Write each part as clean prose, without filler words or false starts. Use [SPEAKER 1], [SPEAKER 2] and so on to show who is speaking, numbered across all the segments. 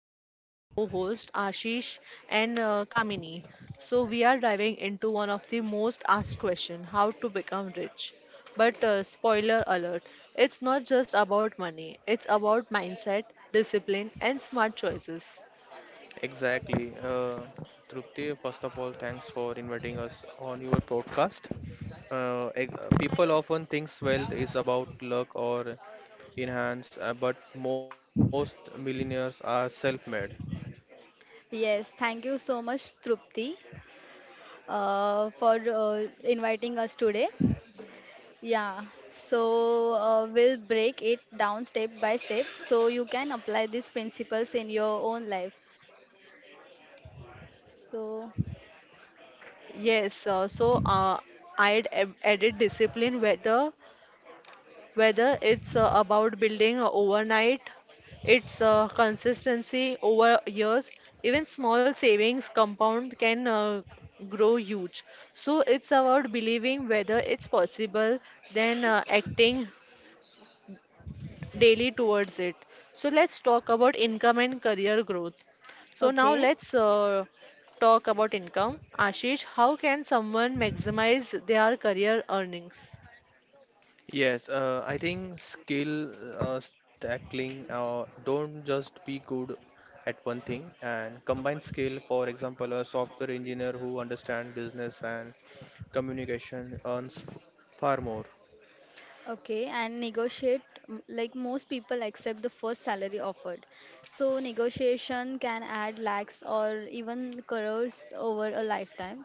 [SPEAKER 1] my amazing co-host Ashish and Kamini. So we are diving into one of the most asked questions: how to become rich. But spoiler alert, it's not just about money. It's about mindset, discipline, and smart choices.
[SPEAKER 2] Exactly. Trupti, first of all, thanks for inviting us on your podcast. People often thinks wealth is about luck or enhance, but most millionaires are self-made.
[SPEAKER 3] Yes, thank you so much, Trupti, for inviting us today. Yeah, so we'll break it down step by step so you can apply these principles in your own life. So,
[SPEAKER 1] Yes, I'd added discipline whether it's about building overnight, its consistency over years, even small savings compound can grow huge. So it's about believing whether it's possible, then acting daily towards it. So let's talk about income and career growth. So now
[SPEAKER 3] okay,
[SPEAKER 1] let's talk about income. Ashish, how can someone maximize their career earnings?
[SPEAKER 2] Yes, I think skill stacking. Don't just be good at one thing and combine skill. For example, a software engineer who understands business and communication earns far more.
[SPEAKER 3] okay, and negotiate like most people accept the first salary offered. So, negotiation can add lakhs or even crores over a lifetime.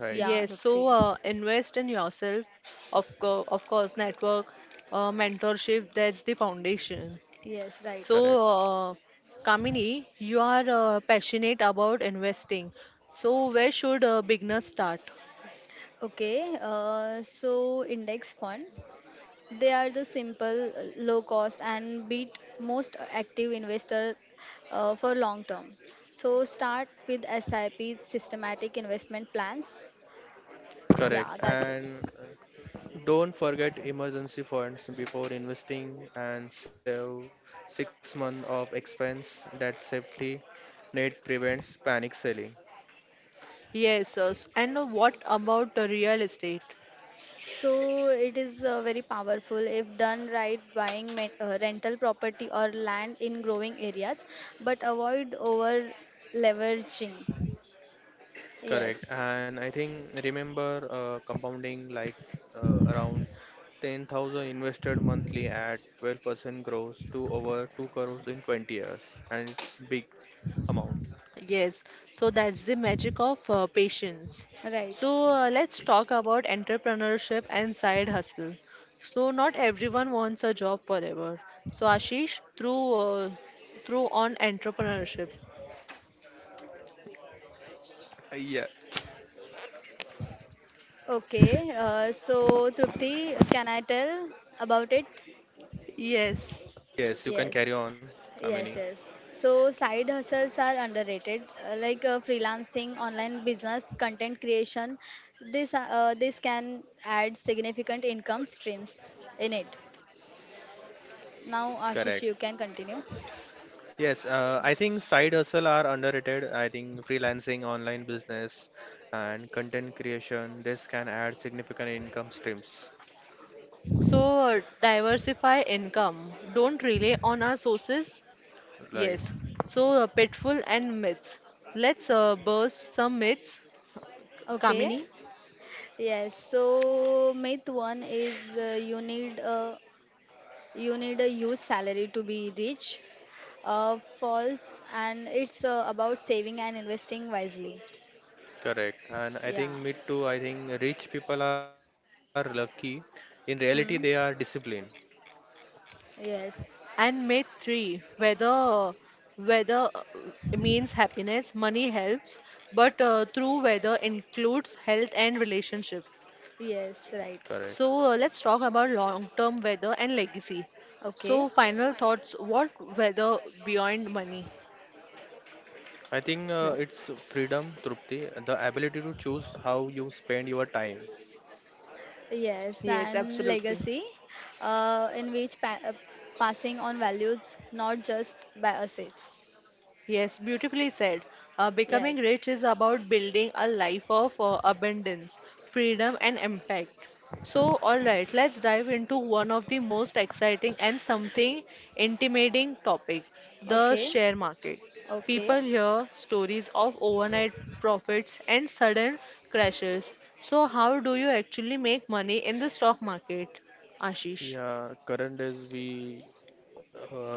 [SPEAKER 2] Right.
[SPEAKER 3] Yeah,
[SPEAKER 1] Yes, so
[SPEAKER 3] Trupti.
[SPEAKER 1] invest in yourself. Of course, network, mentorship, that's the foundation.
[SPEAKER 3] Yes, right.
[SPEAKER 2] Correct.
[SPEAKER 1] So, uh, Kamini, you are passionate about investing. So, where should beginners start?
[SPEAKER 3] Okay, so index fund. They are the simple, low cost, and beat most active investor for long term. So start with SIP systematic investment plans.
[SPEAKER 2] Correct.
[SPEAKER 3] Yeah, that's it.
[SPEAKER 2] And don't forget emergency funds before investing and save 6 months of expense that safety net prevents panic selling.
[SPEAKER 1] Yes, and what about real estate?
[SPEAKER 3] So it is very powerful if done right, buying rental property or land in growing areas, but avoid over leveraging.
[SPEAKER 2] Correct.
[SPEAKER 3] Yes,
[SPEAKER 2] And I think remember compounding like around 10,000 invested monthly at 12% growth to over 2 crores in 20 years. And it's big amount.
[SPEAKER 1] Yes, so that's the magic of patience.
[SPEAKER 3] right.
[SPEAKER 1] So let's talk about entrepreneurship and side hustle. So not everyone wants a job forever. So Ashish, through on entrepreneurship.
[SPEAKER 2] Yes.
[SPEAKER 3] Okay, so Trupti, can I tell about it?
[SPEAKER 1] Yes.
[SPEAKER 2] Yes, you can
[SPEAKER 3] Yes,
[SPEAKER 2] carry on, Kamini.
[SPEAKER 3] yes, yes. So side hustles are underrated, like freelancing, online business, content creation. This can add significant income streams in it. Now, Ashish, you
[SPEAKER 2] Correct.
[SPEAKER 3] can continue.
[SPEAKER 2] Yes, I think side hustle are underrated. I think freelancing, online business, and content creation, this can add significant income streams.
[SPEAKER 1] So diversify income. Don't rely on our sources.
[SPEAKER 2] Right.
[SPEAKER 1] Yes. So pitfall and myths. Let's burst some myths,
[SPEAKER 3] Okay.
[SPEAKER 1] Kamini.
[SPEAKER 3] Yes. So myth one is you need a huge salary to be rich. False, and it's about saving and investing wisely.
[SPEAKER 2] Correct. And I think
[SPEAKER 3] Yeah.
[SPEAKER 2] me too, I think rich people are lucky. In reality, they are
[SPEAKER 3] Hmm.
[SPEAKER 2] disciplined.
[SPEAKER 3] Yes.
[SPEAKER 1] And myth three, whether means happiness, money helps, but true weather includes health and relationship.
[SPEAKER 3] Yes.
[SPEAKER 2] Correct.
[SPEAKER 3] Right.
[SPEAKER 1] So let's talk about long-term weather and legacy.
[SPEAKER 3] Okay.
[SPEAKER 1] So final thoughts, what weather beyond money?
[SPEAKER 2] I think it's
[SPEAKER 1] Yeah.
[SPEAKER 2] freedom, Trupti, the ability to choose how you spend your time.
[SPEAKER 3] Yes,
[SPEAKER 1] Yes,
[SPEAKER 3] and legacy,
[SPEAKER 1] absolutely.
[SPEAKER 3] uh, in which pa- uh, passing on values, not just by assets.
[SPEAKER 1] Yes, beautifully said. Becoming
[SPEAKER 3] Yes.
[SPEAKER 1] rich is about building a life of abundance, freedom, and impact. So, all right, let's dive into one of the most exciting and something intimidating topic, the
[SPEAKER 3] Okay.
[SPEAKER 1] share market.
[SPEAKER 3] Okay.
[SPEAKER 1] People hear stories of overnight profits and sudden crashes. So, how do you actually make money in the stock market, Ashish?
[SPEAKER 2] Yeah, current days we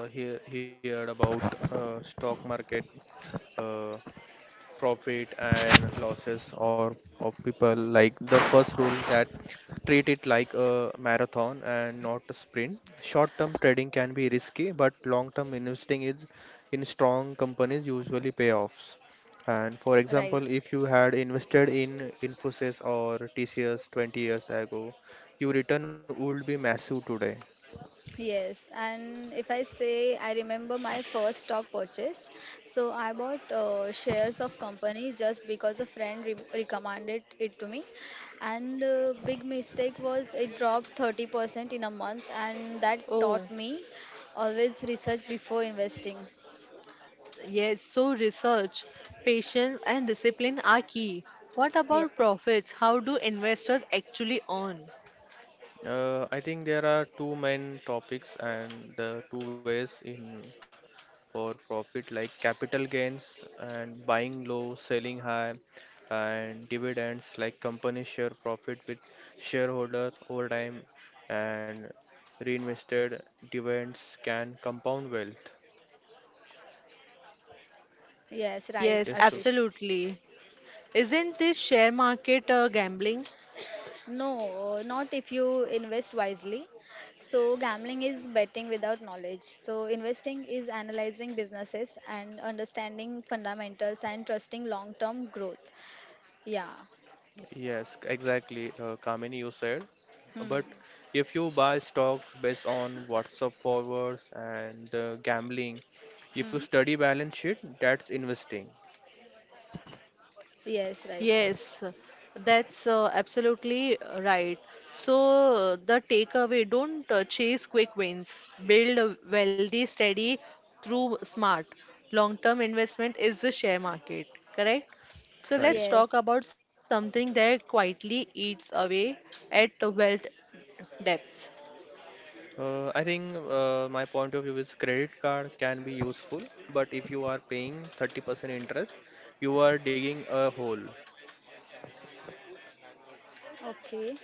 [SPEAKER 2] heard about stock market uh, profit and losses or of people like the first rule that treat it like a marathon and not a sprint. Short term trading can be risky, but long term investing is in strong companies usually payoffs. And for example,
[SPEAKER 3] Right.
[SPEAKER 2] if you had invested in Infosys or TCS 20 years ago, your return would be massive today.
[SPEAKER 3] Yes, and if I say I remember my first stock purchase, so I bought shares of company just because a friend recommended it to me, and big mistake was it dropped 30% in a month, and that
[SPEAKER 1] Oh,
[SPEAKER 3] taught me always research before investing.
[SPEAKER 1] yes, so research, patience, and discipline are key. What
[SPEAKER 3] Yeah.
[SPEAKER 1] about profits? How do investors actually earn?
[SPEAKER 2] I think there are two main topics and the two ways in for profit like capital gains and buying low, selling high, and dividends like company share profit with shareholders over time, and reinvested dividends can compound wealth.
[SPEAKER 3] Yes, right,
[SPEAKER 1] Yes,
[SPEAKER 2] Yes, true.
[SPEAKER 3] Ashish.
[SPEAKER 1] absolutely. Isn't this share market gambling?
[SPEAKER 3] No, not if you invest wisely. So, gambling is betting without knowledge. So, investing is analyzing businesses and understanding fundamentals and trusting long term growth. Yeah.
[SPEAKER 2] Yes, exactly, Kamini, you said.
[SPEAKER 3] Hmm.
[SPEAKER 2] But if you buy stocks based on WhatsApp forwards and gambling, if you
[SPEAKER 3] Hmm.
[SPEAKER 2] study balance sheet, that's investing.
[SPEAKER 3] Yes, right.
[SPEAKER 1] Yes, that's absolutely right. So, the takeaway, don't chase quick wins. Build a wealthy, steady through smart. Long-term investment is the share market, correct? So,
[SPEAKER 2] Right.
[SPEAKER 1] let's talk
[SPEAKER 3] Yes.
[SPEAKER 1] about something that quietly eats away at the wealth depths.
[SPEAKER 2] I think my point of view is credit card can be useful, but if you are paying 30% interest, you are digging a hole.
[SPEAKER 3] Okay.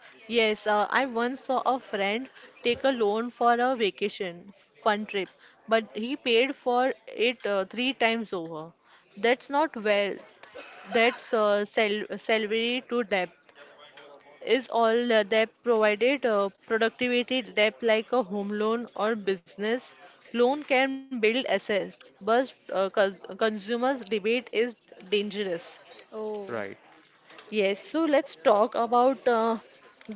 [SPEAKER 1] Yes, I once saw a friend take a loan for a vacation fun trip, but he paid for it three times over. That's not wealth. That's salary to depth. Is all debt provided productivity debt like a home loan or business loan can build assets, but consumers debate is dangerous.
[SPEAKER 3] Oh,
[SPEAKER 2] Right.
[SPEAKER 1] Yes, so let's talk about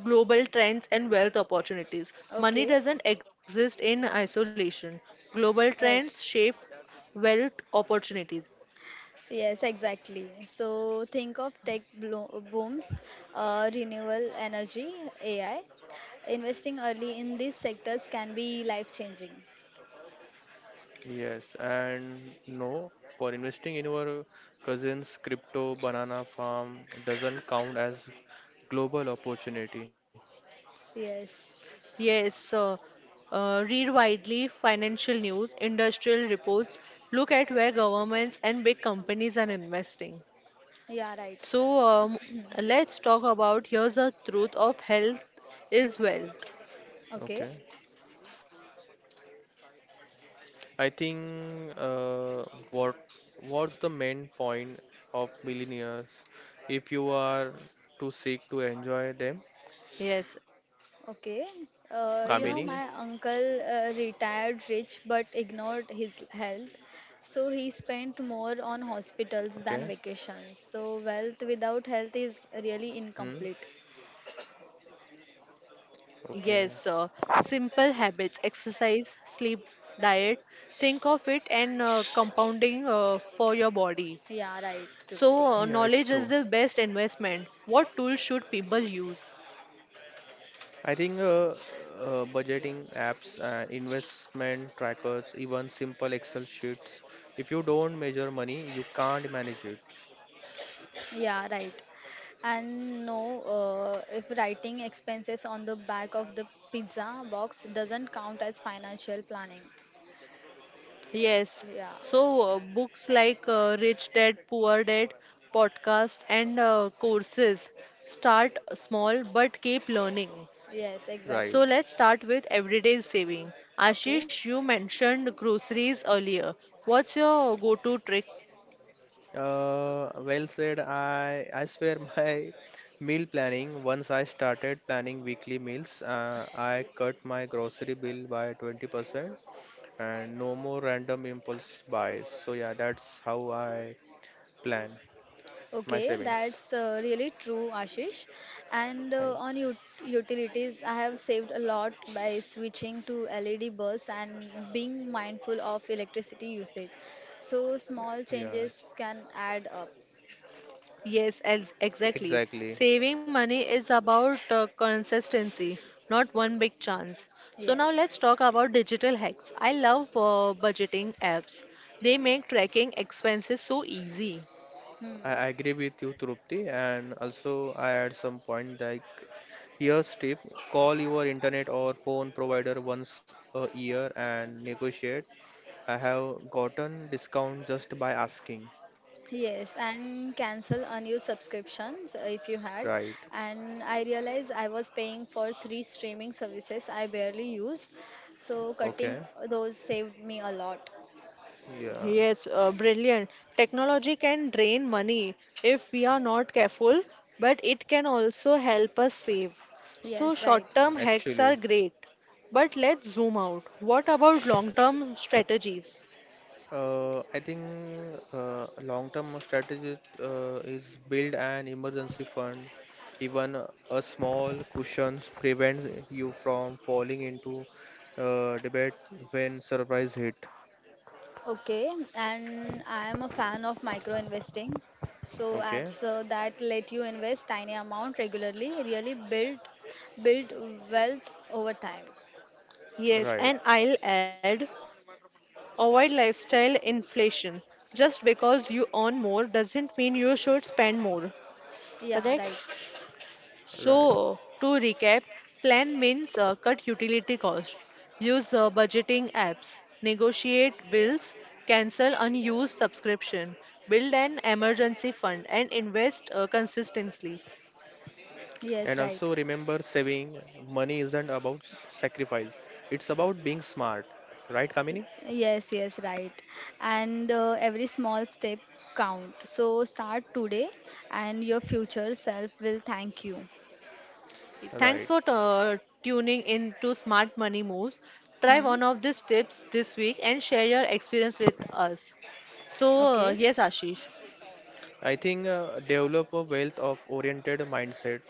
[SPEAKER 1] global trends and wealth opportunities. Money
[SPEAKER 3] okay.
[SPEAKER 1] doesn't exist in isolation. Global trends
[SPEAKER 3] Right.
[SPEAKER 1] shape wealth opportunities.
[SPEAKER 3] Yes, exactly. So, think of booms, renewable energy, AI. Investing early in these sectors can be life changing.
[SPEAKER 2] Yes, and no, for investing in your cousin's crypto banana farm doesn't count as global opportunity.
[SPEAKER 3] Yes,
[SPEAKER 1] Yes, read widely financial news, industrial reports, look at where governments and big companies are investing.
[SPEAKER 3] yeah, right.
[SPEAKER 1] So let's talk about here's the truth of health is wealth.
[SPEAKER 3] Okay,
[SPEAKER 2] Okay. I think what what's the main point of millionaires if you are to seek to enjoy them,
[SPEAKER 1] Yes,
[SPEAKER 2] Kamini?
[SPEAKER 1] absolutely.
[SPEAKER 3] okay. You know, my uncle retired rich but ignored his health, so he spent more
[SPEAKER 2] Okay.
[SPEAKER 3] on hospitals than vacations. So, wealth without health
[SPEAKER 2] Hmm.
[SPEAKER 3] is really incomplete.
[SPEAKER 2] Okay.
[SPEAKER 1] Yes, simple habits, exercise, sleep, diet. Think of it and compounding for your body.
[SPEAKER 3] Yeah,
[SPEAKER 1] So,
[SPEAKER 3] right,
[SPEAKER 2] Yeah, it's
[SPEAKER 1] knowledge
[SPEAKER 3] Trupti.
[SPEAKER 2] true.
[SPEAKER 1] is the best investment. What tools should people use?
[SPEAKER 2] I think budgeting apps and investment trackers, even simple Excel sheets. If you don't measure money, you can't manage it,
[SPEAKER 3] Yeah, right. And no, if writing expenses on the back of the pizza box doesn't count as financial planning.
[SPEAKER 1] Yes.
[SPEAKER 3] Yeah,
[SPEAKER 1] So, books like Rich Dad, Poor Dad, podcast, and courses. Start small but keep learning.
[SPEAKER 3] yes,
[SPEAKER 2] right?
[SPEAKER 1] So
[SPEAKER 3] exactly.
[SPEAKER 1] let's start with everyday saving.
[SPEAKER 3] Okay.
[SPEAKER 1] Ashish, you mentioned groceries earlier. What's your go-to trick?
[SPEAKER 2] Well said. I swear my meal planning. Once I started planning weekly meals, I cut my grocery bill by 20% and no more random impulse buys. So yeah, that's how I plan my
[SPEAKER 3] Okay,
[SPEAKER 2] savings.
[SPEAKER 3] that's really true, Ashish. And
[SPEAKER 2] Thank
[SPEAKER 3] utilities, I have saved a lot by switching to LED bulbs and being mindful of electricity usage. So small
[SPEAKER 2] Yeah,
[SPEAKER 3] changes can add up.
[SPEAKER 1] Yes, exactly.
[SPEAKER 2] exactly.
[SPEAKER 1] Saving money is about consistency, not one big chance. So now
[SPEAKER 3] Yes.
[SPEAKER 1] let's talk about digital hacks. I love budgeting apps. They make tracking expenses so easy.
[SPEAKER 3] Hmm.
[SPEAKER 2] I agree with you, Trupti, and also I add some point like here's tip: call your internet or phone provider once a year and negotiate. I have gotten discount just by asking.
[SPEAKER 3] Yes, and cancel unused subscriptions if you had.
[SPEAKER 2] Right?
[SPEAKER 3] And I realized I was paying for three streaming services I barely used. So cutting
[SPEAKER 2] Okay.
[SPEAKER 3] those saved me a lot.
[SPEAKER 2] Yeah.
[SPEAKER 1] Yes, brilliant. Technology can drain money if we are not careful, but it can also help us save. So,
[SPEAKER 3] Yes, right.
[SPEAKER 1] short-term hacks are
[SPEAKER 2] Actually,
[SPEAKER 1] great, but let's zoom out. What about long-term strategies?
[SPEAKER 2] I think long-term strategy is build an emergency fund. Even a small cushions prevents you from falling into debate when surprise hit.
[SPEAKER 3] Okay, and I am a fan of micro investing. So
[SPEAKER 2] Okay,
[SPEAKER 3] apps that let you invest tiny amount regularly really build wealth over time.
[SPEAKER 1] Yes,
[SPEAKER 2] right,
[SPEAKER 1] and I'll add avoid lifestyle inflation. Just because you earn more doesn't mean you should spend more. Correct?
[SPEAKER 3] Yeah, right.
[SPEAKER 2] right.
[SPEAKER 1] So, to recap, plan means cut utility cost, use budgeting apps, negotiate bills, cancel unused subscription, build an emergency fund, and invest consistently.
[SPEAKER 2] And also
[SPEAKER 3] Yes,
[SPEAKER 2] remember
[SPEAKER 3] right.
[SPEAKER 2] saving money isn't about sacrifice. It's about being smart. Right, Kamini?
[SPEAKER 3] Y- Yes, yes, right. And every small step count. So start today and your future self will thank you.
[SPEAKER 2] Right.
[SPEAKER 1] Thanks for tuning in to Smart Money Moves. Try
[SPEAKER 3] Hmm.
[SPEAKER 1] one of these tips this week and share your experience with us. So,
[SPEAKER 3] Okay.
[SPEAKER 1] yes, Ashish.
[SPEAKER 2] I think develop a wealth of oriented mindset.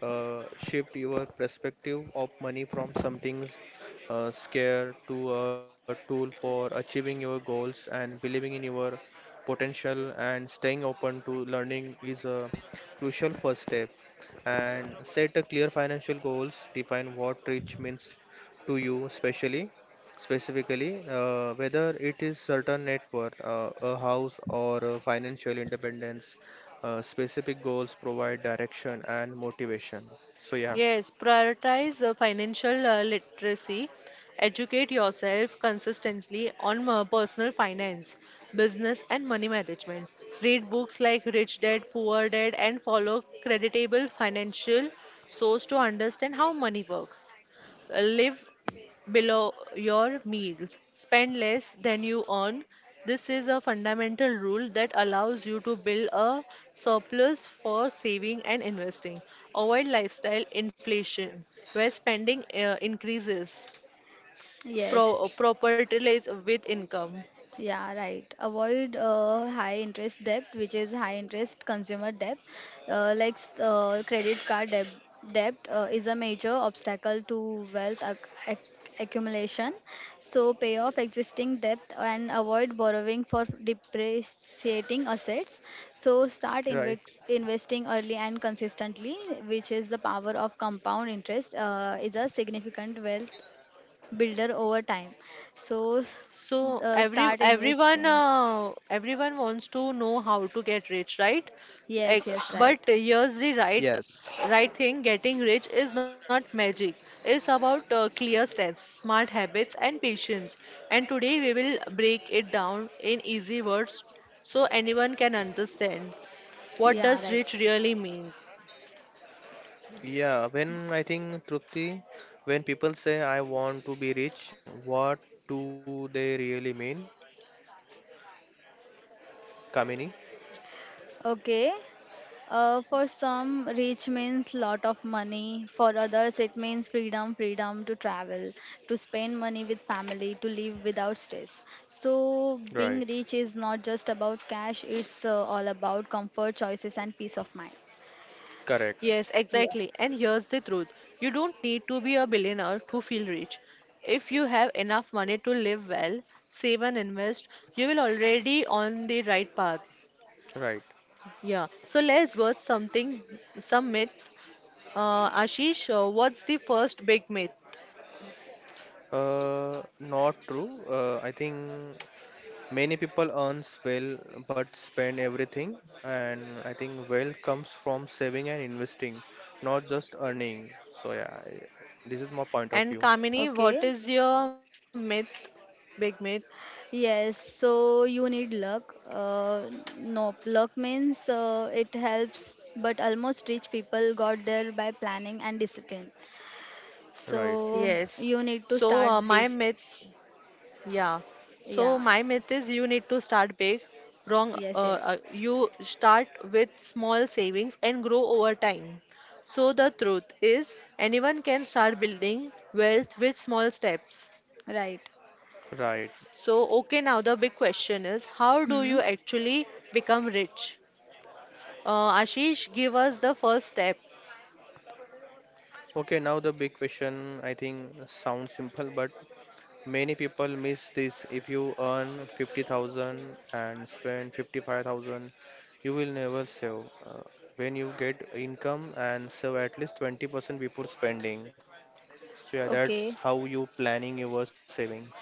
[SPEAKER 2] Shift your perspective of money from something scare to a tool for achieving your goals, and believing in your potential and staying open to learning is a crucial first step. And set a clear financial goals. Define what rich means to you, especially specifically, whether it is certain net worth, a house, or a financial independence, specific goals provide direction and motivation. So yeah,
[SPEAKER 1] Yes, prioritize financial literacy. Educate yourself consistently on personal finance, business, and money management. Read books like Rich Dad, Poor Dad, and follow creditable financial source to understand how money works. Live below your means. Spend less than you earn. This is a fundamental rule that allows you to build a surplus for saving and investing. Avoid lifestyle inflation, where spending increases
[SPEAKER 3] Yes.
[SPEAKER 1] proportionally with income.
[SPEAKER 3] Yeah, right. Avoid high interest debt, which is high interest consumer debt, credit card debt. Debt is a major obstacle to wealth ac- accumulation. So pay off existing debt and avoid borrowing for depreciating assets. So start
[SPEAKER 2] right.
[SPEAKER 3] inve- investing early and consistently, which is the power of compound interest. Is a significant wealth builder over time. So s-
[SPEAKER 1] So
[SPEAKER 3] uh, start investing.
[SPEAKER 1] everyone wants to know how to get rich, right? Like,
[SPEAKER 3] Yes, yes,
[SPEAKER 1] but
[SPEAKER 3] right.
[SPEAKER 1] here's the right
[SPEAKER 2] Yes.
[SPEAKER 1] right thing: getting rich is not magic. It's about clear steps, smart habits, and patience. And today we will break it down in easy words so anyone can understand what
[SPEAKER 3] Yeah,
[SPEAKER 1] does
[SPEAKER 3] right.
[SPEAKER 1] rich really means.
[SPEAKER 2] Yeah, when I think Trupti, when people say I want to be rich, what do they really mean, Kamini?
[SPEAKER 3] Okay. For some, rich means lot of money. For others, it means freedom, freedom to travel, to spend money with family, to live without stress. So,
[SPEAKER 2] Right,
[SPEAKER 3] being rich is not just about cash. It's all about comfort, choices, and peace of mind.
[SPEAKER 2] correct,
[SPEAKER 1] Yes, exactly.
[SPEAKER 3] Yeah.
[SPEAKER 1] And here's the truth. You don't need to be a billionaire to feel rich. If you have enough money to live well, save and invest, you will already on the right path.
[SPEAKER 2] right.
[SPEAKER 1] Yeah. So let's bust something, some myths. Ashish, what's the first big myth?
[SPEAKER 2] Not true. I think many people earns well but spend everything, and I think wealth comes from saving and investing, not just earning. So yeah, this is my point of
[SPEAKER 1] And
[SPEAKER 2] view.
[SPEAKER 1] Kamini, what
[SPEAKER 3] Okay.
[SPEAKER 1] is your myth? Big myth.
[SPEAKER 3] Yes, so you need luck. No, luck means it helps, but almost rich people got there by planning and discipline.
[SPEAKER 2] Right.
[SPEAKER 1] Yes.
[SPEAKER 3] So you need
[SPEAKER 1] So
[SPEAKER 3] to start
[SPEAKER 1] my
[SPEAKER 3] big.
[SPEAKER 1] myth Yeah. So
[SPEAKER 3] Yeah,
[SPEAKER 1] my myth is you need to start big. Wrong.
[SPEAKER 3] yes, yes,
[SPEAKER 1] You start with small savings and grow over time. So the truth is anyone can start building wealth with small steps.
[SPEAKER 3] right.
[SPEAKER 2] Right.
[SPEAKER 1] So okay, now the big question is how do you
[SPEAKER 3] Hmm.
[SPEAKER 1] actually become rich? Ashish, give us the first step.
[SPEAKER 2] Okay, now the big question I think sounds simple, but many people miss this. If you earn 50,000 and spend 55,000, you will never save. Uh, when you get income and save at least 20% before spending. So yeah, that's
[SPEAKER 3] Okay,
[SPEAKER 2] how you planning your savings.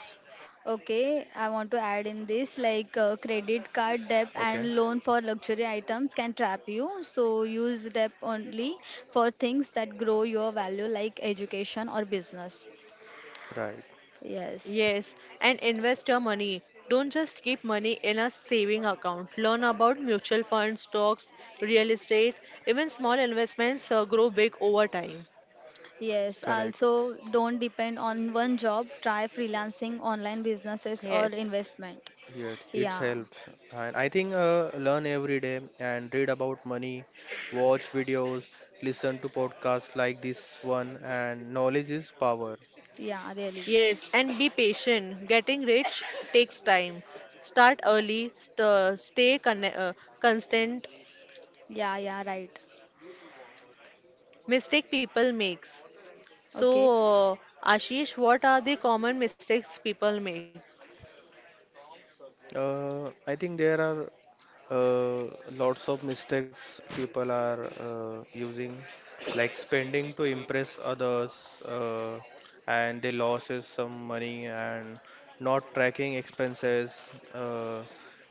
[SPEAKER 3] okay. I want to add in this like credit card debt
[SPEAKER 2] Okay,
[SPEAKER 3] and loan for luxury items can trap you. So use debt only for things that grow your value, like education or business.
[SPEAKER 2] right,
[SPEAKER 3] Yes,
[SPEAKER 1] Yes, and invest your money. Don't just keep money in a saving account. Learn about mutual funds, stocks, real estate, even small investments grow big over time.
[SPEAKER 3] yes.
[SPEAKER 2] correct.
[SPEAKER 3] Also, don't depend on one job. Try freelancing, online businesses, or
[SPEAKER 1] Yes.
[SPEAKER 3] investment.
[SPEAKER 2] Yes, it's
[SPEAKER 3] Yeah,
[SPEAKER 2] helps. And I think learn every day and read about money, watch videos, listen to podcasts like this one, and knowledge is power.
[SPEAKER 3] yeah, really.
[SPEAKER 1] Yes, and be patient. Getting rich takes time. Start early, stay constant.
[SPEAKER 3] Yeah, yeah, right.
[SPEAKER 1] Mistake people makes.
[SPEAKER 3] Okay.
[SPEAKER 1] So, Ashish, what are the common mistakes people make?
[SPEAKER 2] I think there are lots of mistakes people are using, like spending to impress others, and they loses some money and not tracking expenses,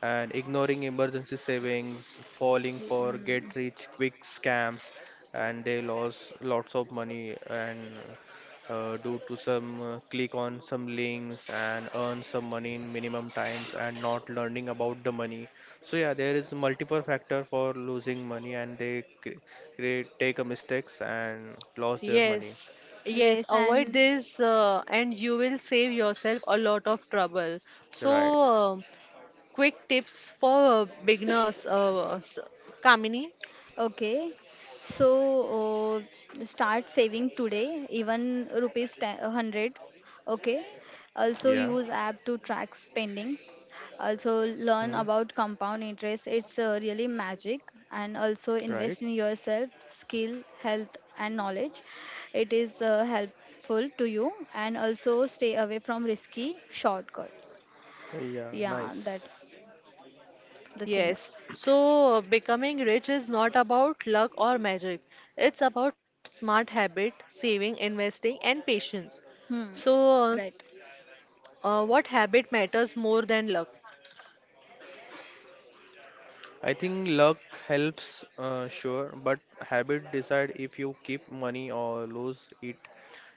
[SPEAKER 2] and ignoring emergency savings, falling
[SPEAKER 3] Ye-
[SPEAKER 2] for get
[SPEAKER 3] mm.
[SPEAKER 2] rich quick scams, and they lost lots of money, and do to some click on some links and earn some money in minimum times and not learning about the money. So yeah, there is multiple factor for losing money, and they create take a mistakes and lost their money.
[SPEAKER 1] Yes, yes,
[SPEAKER 3] Yes,
[SPEAKER 1] avoid
[SPEAKER 3] and
[SPEAKER 1] this and you will save yourself a lot of trouble. So,
[SPEAKER 2] Right.
[SPEAKER 1] quick tips for beginners, Kamini.
[SPEAKER 3] okay. So start saving today, even rupees 10, 100. Okay.
[SPEAKER 2] Yeah.
[SPEAKER 3] Also use app to track spending. Also
[SPEAKER 2] Hmm.
[SPEAKER 3] learn about compound interest. It's really magic. And also
[SPEAKER 2] Right.
[SPEAKER 3] invest in yourself, skill, health, and knowledge. It is helpful to you. And also stay away from risky shortcuts.
[SPEAKER 2] Yeah.
[SPEAKER 3] Yeah,
[SPEAKER 2] Nice.
[SPEAKER 3] that's the
[SPEAKER 1] Yes,
[SPEAKER 3] things.
[SPEAKER 1] so becoming rich is not about luck or magic, it's about smart habit, saving, investing, and patience.
[SPEAKER 3] Hmm.
[SPEAKER 1] So,
[SPEAKER 3] Right.
[SPEAKER 1] what habit matters more than luck?
[SPEAKER 2] I think luck helps, sure, but habit decide if you keep money or lose it.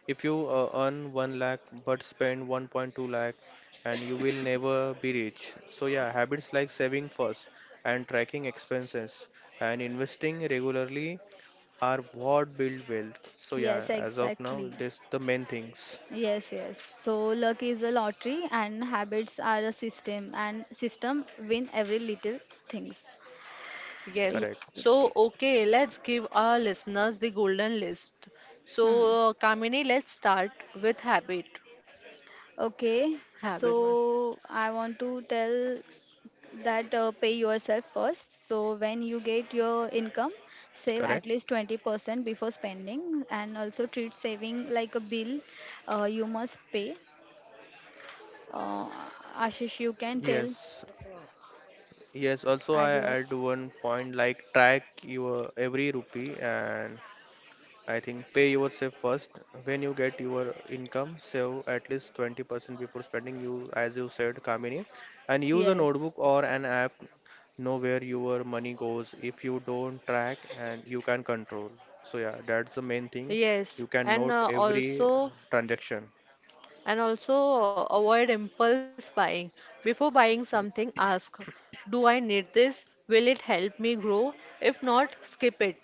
[SPEAKER 2] If you earn 1 lakh but spend 1.2 lakh, and you will never be rich. So yeah, habits like saving first and tracking expenses and investing regularly are what build wealth. So yeah,
[SPEAKER 3] Yes,
[SPEAKER 2] as of now,
[SPEAKER 3] exactly.
[SPEAKER 2] this the main things.
[SPEAKER 3] Yes, yes. So luck is a lottery and habits are a system and system win every little things. Yeah.
[SPEAKER 1] Yes.
[SPEAKER 2] Correct.
[SPEAKER 1] So,
[SPEAKER 3] Okay.
[SPEAKER 1] okay, let's give our listeners the golden list. So,
[SPEAKER 3] Hmm.
[SPEAKER 1] Kamini, let's start with habit.
[SPEAKER 3] Okay.
[SPEAKER 1] Habit one.
[SPEAKER 3] So I want to tell that pay yourself first. So when you get your income,
[SPEAKER 2] Correct.
[SPEAKER 3] save at least 20% before spending and also treat saving like a bill you must pay. Uh, Ashish, you
[SPEAKER 2] Yes.
[SPEAKER 3] can tell.
[SPEAKER 2] Yes. Also, I add one
[SPEAKER 3] Adios.
[SPEAKER 2] point like track your every rupee, and I think pay yourself first. When you get your income, save at least 20% before spending you, as you said, Kamini. And use a
[SPEAKER 3] Yes.
[SPEAKER 2] notebook or an app, know where your money goes. If you don't track and you can control. So yeah, that's the main thing.
[SPEAKER 1] Yes,
[SPEAKER 2] You can
[SPEAKER 1] and
[SPEAKER 2] note every transaction.
[SPEAKER 1] also avoid impulse buying. Before buying something, ask, do I need this? Will it help me grow? If not, skip it.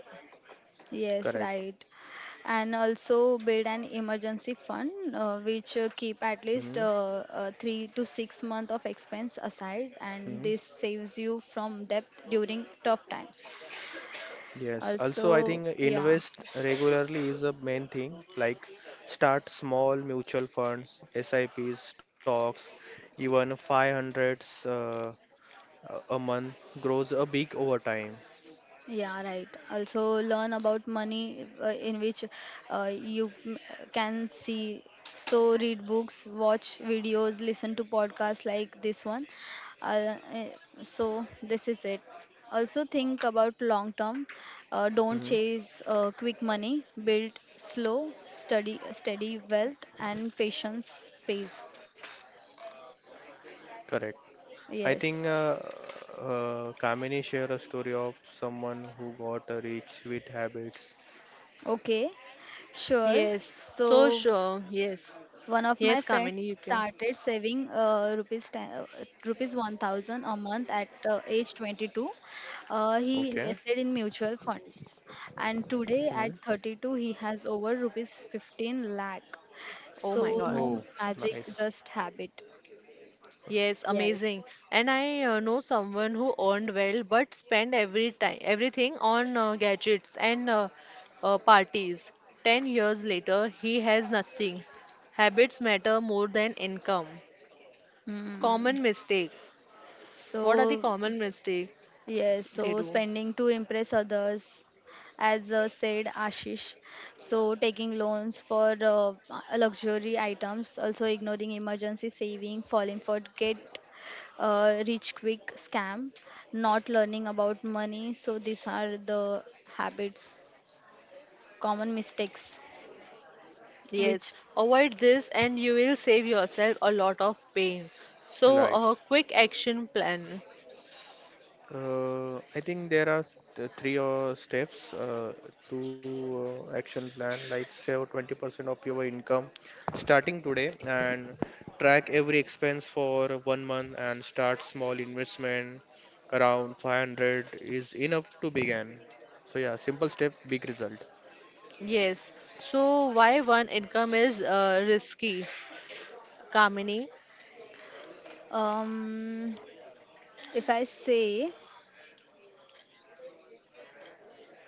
[SPEAKER 3] Yes,
[SPEAKER 2] Correct.
[SPEAKER 3] right. And also build an emergency fund which keep at least
[SPEAKER 2] Mm-hmm.
[SPEAKER 3] 3 to 6 month of expense aside and this saves you from debt during tough times
[SPEAKER 2] Yes, also I
[SPEAKER 3] also.
[SPEAKER 2] think
[SPEAKER 3] Yeah.
[SPEAKER 2] invest regularly is a main thing. Like start small mutual funds, SIPs, stocks, even 500s a month grows a big over time.
[SPEAKER 3] Yeah, right. Also, learn about money in which you can see. So, read books, watch videos, listen to podcasts like this one. Uh, eh, so, this is it. Also, think about long term. Don't
[SPEAKER 2] Mhm.
[SPEAKER 3] chase quick money. Build slow, study, steady wealth, and patience pays.
[SPEAKER 2] Correct. I think
[SPEAKER 3] Yes.
[SPEAKER 2] Kamini share a story of someone who got a rich with habits.
[SPEAKER 3] Okay. Sure.
[SPEAKER 1] Yes. So,
[SPEAKER 3] So
[SPEAKER 1] sure. Yes.
[SPEAKER 3] one of
[SPEAKER 1] Yes,
[SPEAKER 3] my
[SPEAKER 1] Kamini,
[SPEAKER 3] friends
[SPEAKER 1] you can.
[SPEAKER 3] started saving rupees 1,000 a month at age 22. He
[SPEAKER 2] Okay.
[SPEAKER 3] invested in mutual funds and today at
[SPEAKER 2] Mhm.
[SPEAKER 3] 32 he has over rupees 15 lakh.
[SPEAKER 1] Oh my
[SPEAKER 3] So
[SPEAKER 1] God.
[SPEAKER 3] no
[SPEAKER 2] Oh,
[SPEAKER 3] magic,
[SPEAKER 2] nice.
[SPEAKER 3] just habit.
[SPEAKER 1] Yes,
[SPEAKER 3] Yes.
[SPEAKER 1] amazing. And I know someone who earned well but spent every time everything on gadgets and parties. 10 years later, he has nothing. Habits matter more than income.
[SPEAKER 3] Hmm.
[SPEAKER 1] Common mistake. What are the
[SPEAKER 3] So
[SPEAKER 1] common mistake
[SPEAKER 3] yes,
[SPEAKER 1] they
[SPEAKER 3] so
[SPEAKER 1] do?
[SPEAKER 3] spending to impress others, as said Ashish. So taking loans for luxury items, also ignoring emergency saving, falling for get rich quick scam, not learning about money. So these are the habits, common mistakes,
[SPEAKER 1] Yes,
[SPEAKER 3] which
[SPEAKER 1] avoid this and you will save yourself a lot of pain. So,
[SPEAKER 2] Right.
[SPEAKER 1] a quick action plan.
[SPEAKER 2] I think there are three steps to action plan, like save 20% of your income starting today and track every expense for 1 month and start small investment around 500 is enough to begin. So yeah, simple step, big result.
[SPEAKER 1] Yes. So, why one income is risky? Kamini.
[SPEAKER 3] um, if I say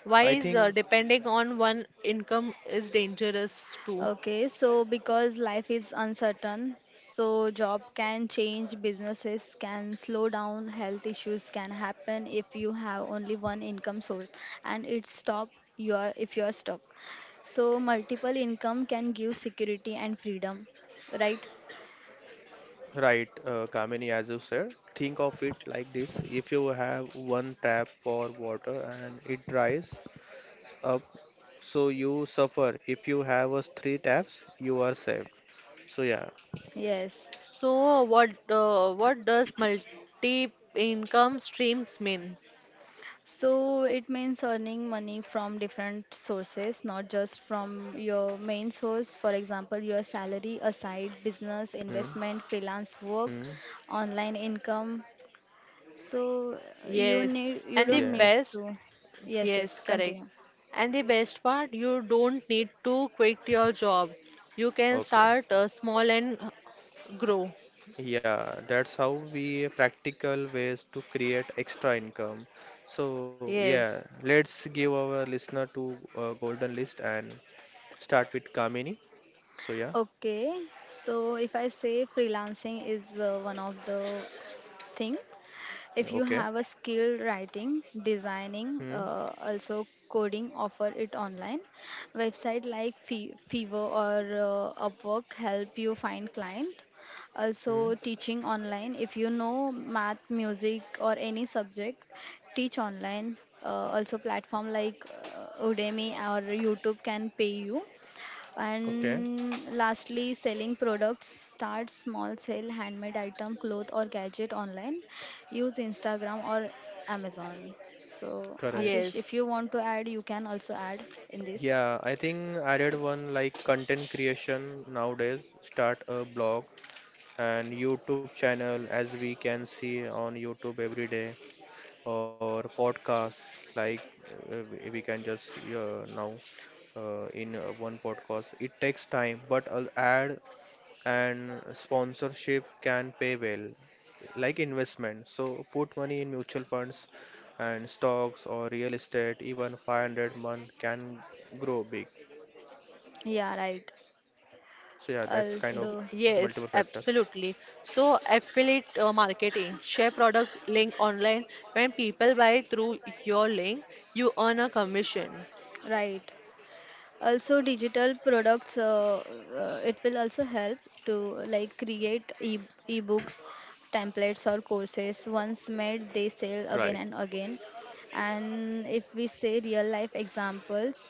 [SPEAKER 1] Why
[SPEAKER 2] I
[SPEAKER 1] is
[SPEAKER 2] think
[SPEAKER 1] depending on one income is dangerous too?
[SPEAKER 3] okay, so because life is uncertain, so job can change, businesses can slow down, health issues can happen if you have only one income source and it stop you are if you are stuck. So multiple income can give security and freedom, right?
[SPEAKER 2] Right, Kamini, as you said, think of it like this. If you have one tap for water and it dries up. So you suffer. If you have a three taps, you are saved. So yeah,
[SPEAKER 3] Yes.
[SPEAKER 1] So what does multi income streams mean?
[SPEAKER 3] So it means earning money from different sources, not just from your main source. For example, your salary, a side business,
[SPEAKER 2] mm,
[SPEAKER 3] investment, freelance work,
[SPEAKER 2] mm,
[SPEAKER 3] online income. So
[SPEAKER 1] Yes,
[SPEAKER 3] you
[SPEAKER 1] and the
[SPEAKER 3] don't
[SPEAKER 2] yeah,
[SPEAKER 3] need
[SPEAKER 1] best,
[SPEAKER 3] to. Yes,
[SPEAKER 1] yes,
[SPEAKER 3] yes,
[SPEAKER 1] correct.
[SPEAKER 3] continue.
[SPEAKER 1] And the best part, you don't need to quit your job. You can
[SPEAKER 2] okay.
[SPEAKER 1] start small and grow.
[SPEAKER 2] Yeah, that's how we practical ways to create extra income. So yeah,
[SPEAKER 1] Yes,
[SPEAKER 2] let's give our listener to golden list and start with Kamini. So yeah,
[SPEAKER 3] Okay. So if I say freelancing is one of the thing if you
[SPEAKER 2] okay.
[SPEAKER 3] have a skill writing designing
[SPEAKER 2] Hmm.
[SPEAKER 3] also coding offer it online website like Fever or Upwork help you find client,
[SPEAKER 2] Hmm.
[SPEAKER 3] also teaching online if you know math music or any subject teach online, uh, also platform like Udemy or YouTube can pay you,
[SPEAKER 2] Okay.
[SPEAKER 3] and lastly, selling products. Start small, sell handmade item, cloth or gadget online. Use Instagram or Amazon. So,
[SPEAKER 2] Correct.
[SPEAKER 3] Ashish, if you
[SPEAKER 1] yes,
[SPEAKER 3] want to add, you can also add in this.
[SPEAKER 2] Yeah, I think I read one like content creation nowadays. Start a blog and YouTube channel as we can see on YouTube every day or podcasts like we can just now in one podcast. It takes time, but ad and sponsorship can pay well, like investment. So put money in mutual funds and stocks or real estate. Even 500-month can grow big.
[SPEAKER 3] Yeah,
[SPEAKER 2] So yeah,
[SPEAKER 3] right.
[SPEAKER 2] that's kind of
[SPEAKER 1] Yes,
[SPEAKER 2] multiple factors.
[SPEAKER 3] Also,
[SPEAKER 1] absolutely. So, affiliate marketing, share product link online. When people buy through your link, you earn a commission.
[SPEAKER 3] right. Also digital products it will also help to like create e ebooks templates or courses once made they
[SPEAKER 2] Right.
[SPEAKER 3] sell again and again, and if we say real life examples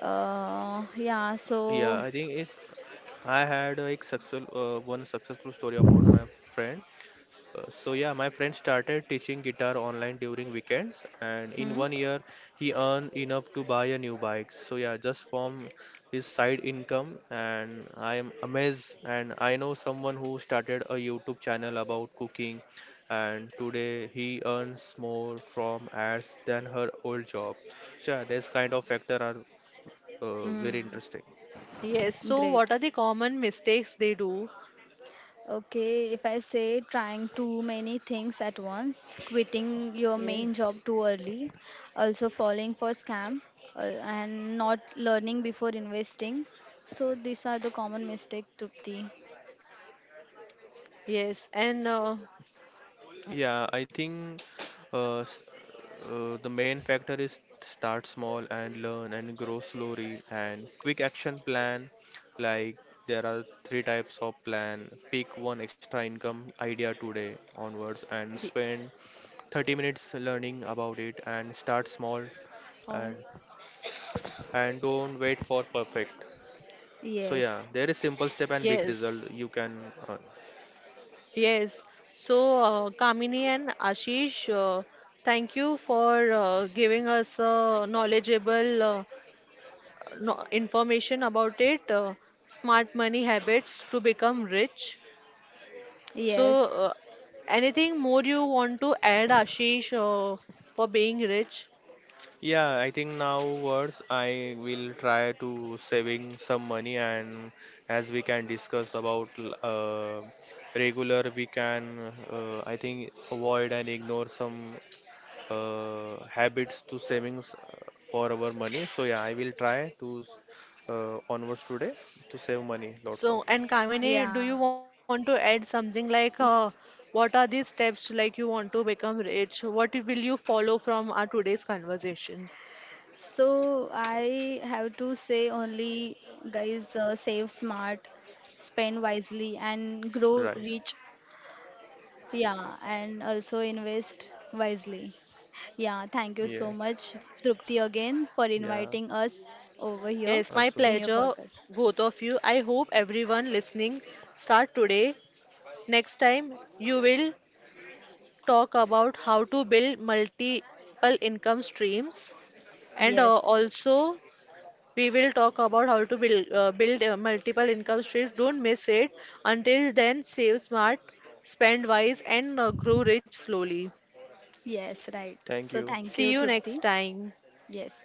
[SPEAKER 3] yeah
[SPEAKER 2] Yeah, I think
[SPEAKER 3] so
[SPEAKER 2] it's I had like successful one successful story about my friend. So yeah, my friend started teaching guitar online during weekends, and in
[SPEAKER 3] hmm,
[SPEAKER 2] 1 year he earned enough to buy a new bike. So yeah, just from his side income, and I am amazed. And I know someone who started a YouTube channel about cooking, and today he earns more from ads than her old job. So yeah, this kind of factor are very
[SPEAKER 3] hmm,
[SPEAKER 2] interesting.
[SPEAKER 1] Yes, so what
[SPEAKER 3] great.
[SPEAKER 1] are the common mistakes they do?
[SPEAKER 3] Okay, if I say trying too many things at once, quitting your main
[SPEAKER 1] Yes,
[SPEAKER 3] job too early, also falling for scam, uh, and not learning before investing. So these are the common mistake, Trupti.
[SPEAKER 1] yes, and uh,
[SPEAKER 2] Yeah, I think uh, s- the main factor is start small and learn and grow slowly and quick action plan. Like there are three types of plan. Pick one extra income idea today onwards and
[SPEAKER 1] y-
[SPEAKER 2] spend 30 minutes learning about it and start small,
[SPEAKER 1] uh,
[SPEAKER 2] and and don't wait for perfect. So yeah,
[SPEAKER 3] Yes,
[SPEAKER 2] there is simple step and big
[SPEAKER 1] yes,
[SPEAKER 2] result you can
[SPEAKER 1] yes. So, Kamini and Ashish, thank you for giving us a knowledgeable no, information about it, smart money habits to become rich. So,
[SPEAKER 3] yes,
[SPEAKER 1] uh, anything more you want to add, Ashish, for being rich?
[SPEAKER 2] Yeah, I think now words I will try to saving some money, and as we can discuss about regular we can I think avoid and ignore some habits to savings for our money. So yeah, I will try to onwards today to save money lots of
[SPEAKER 1] So, and Kamini, do
[SPEAKER 3] yeah.
[SPEAKER 1] you want to add something like what are these steps like you want to become rich? What will you follow from our today's conversation?
[SPEAKER 3] So I have to say only, guys, save smart, spend wisely, and grow
[SPEAKER 2] right.
[SPEAKER 3] rich. Yeah, and also invest wisely. Yeah, thank you
[SPEAKER 2] Yeah,
[SPEAKER 3] so much, Trupti, again for
[SPEAKER 2] yeah.
[SPEAKER 3] inviting us over here
[SPEAKER 1] Yes, my
[SPEAKER 2] Also,
[SPEAKER 3] in your
[SPEAKER 1] pleasure,
[SPEAKER 3] podcast.
[SPEAKER 1] both of you. I hope everyone listening start today. Next time, you will talk about how to build multiple income streams and
[SPEAKER 3] Yes,
[SPEAKER 1] also we will talk about how to build, build multiple income streams. Don't miss it. Until then, save smart, spend wise, and grow rich slowly.
[SPEAKER 3] yes, right.
[SPEAKER 2] thank
[SPEAKER 3] So
[SPEAKER 2] you.
[SPEAKER 3] thank
[SPEAKER 1] See
[SPEAKER 3] you,
[SPEAKER 1] you next
[SPEAKER 3] Trupti.
[SPEAKER 1] time.
[SPEAKER 3] Yes.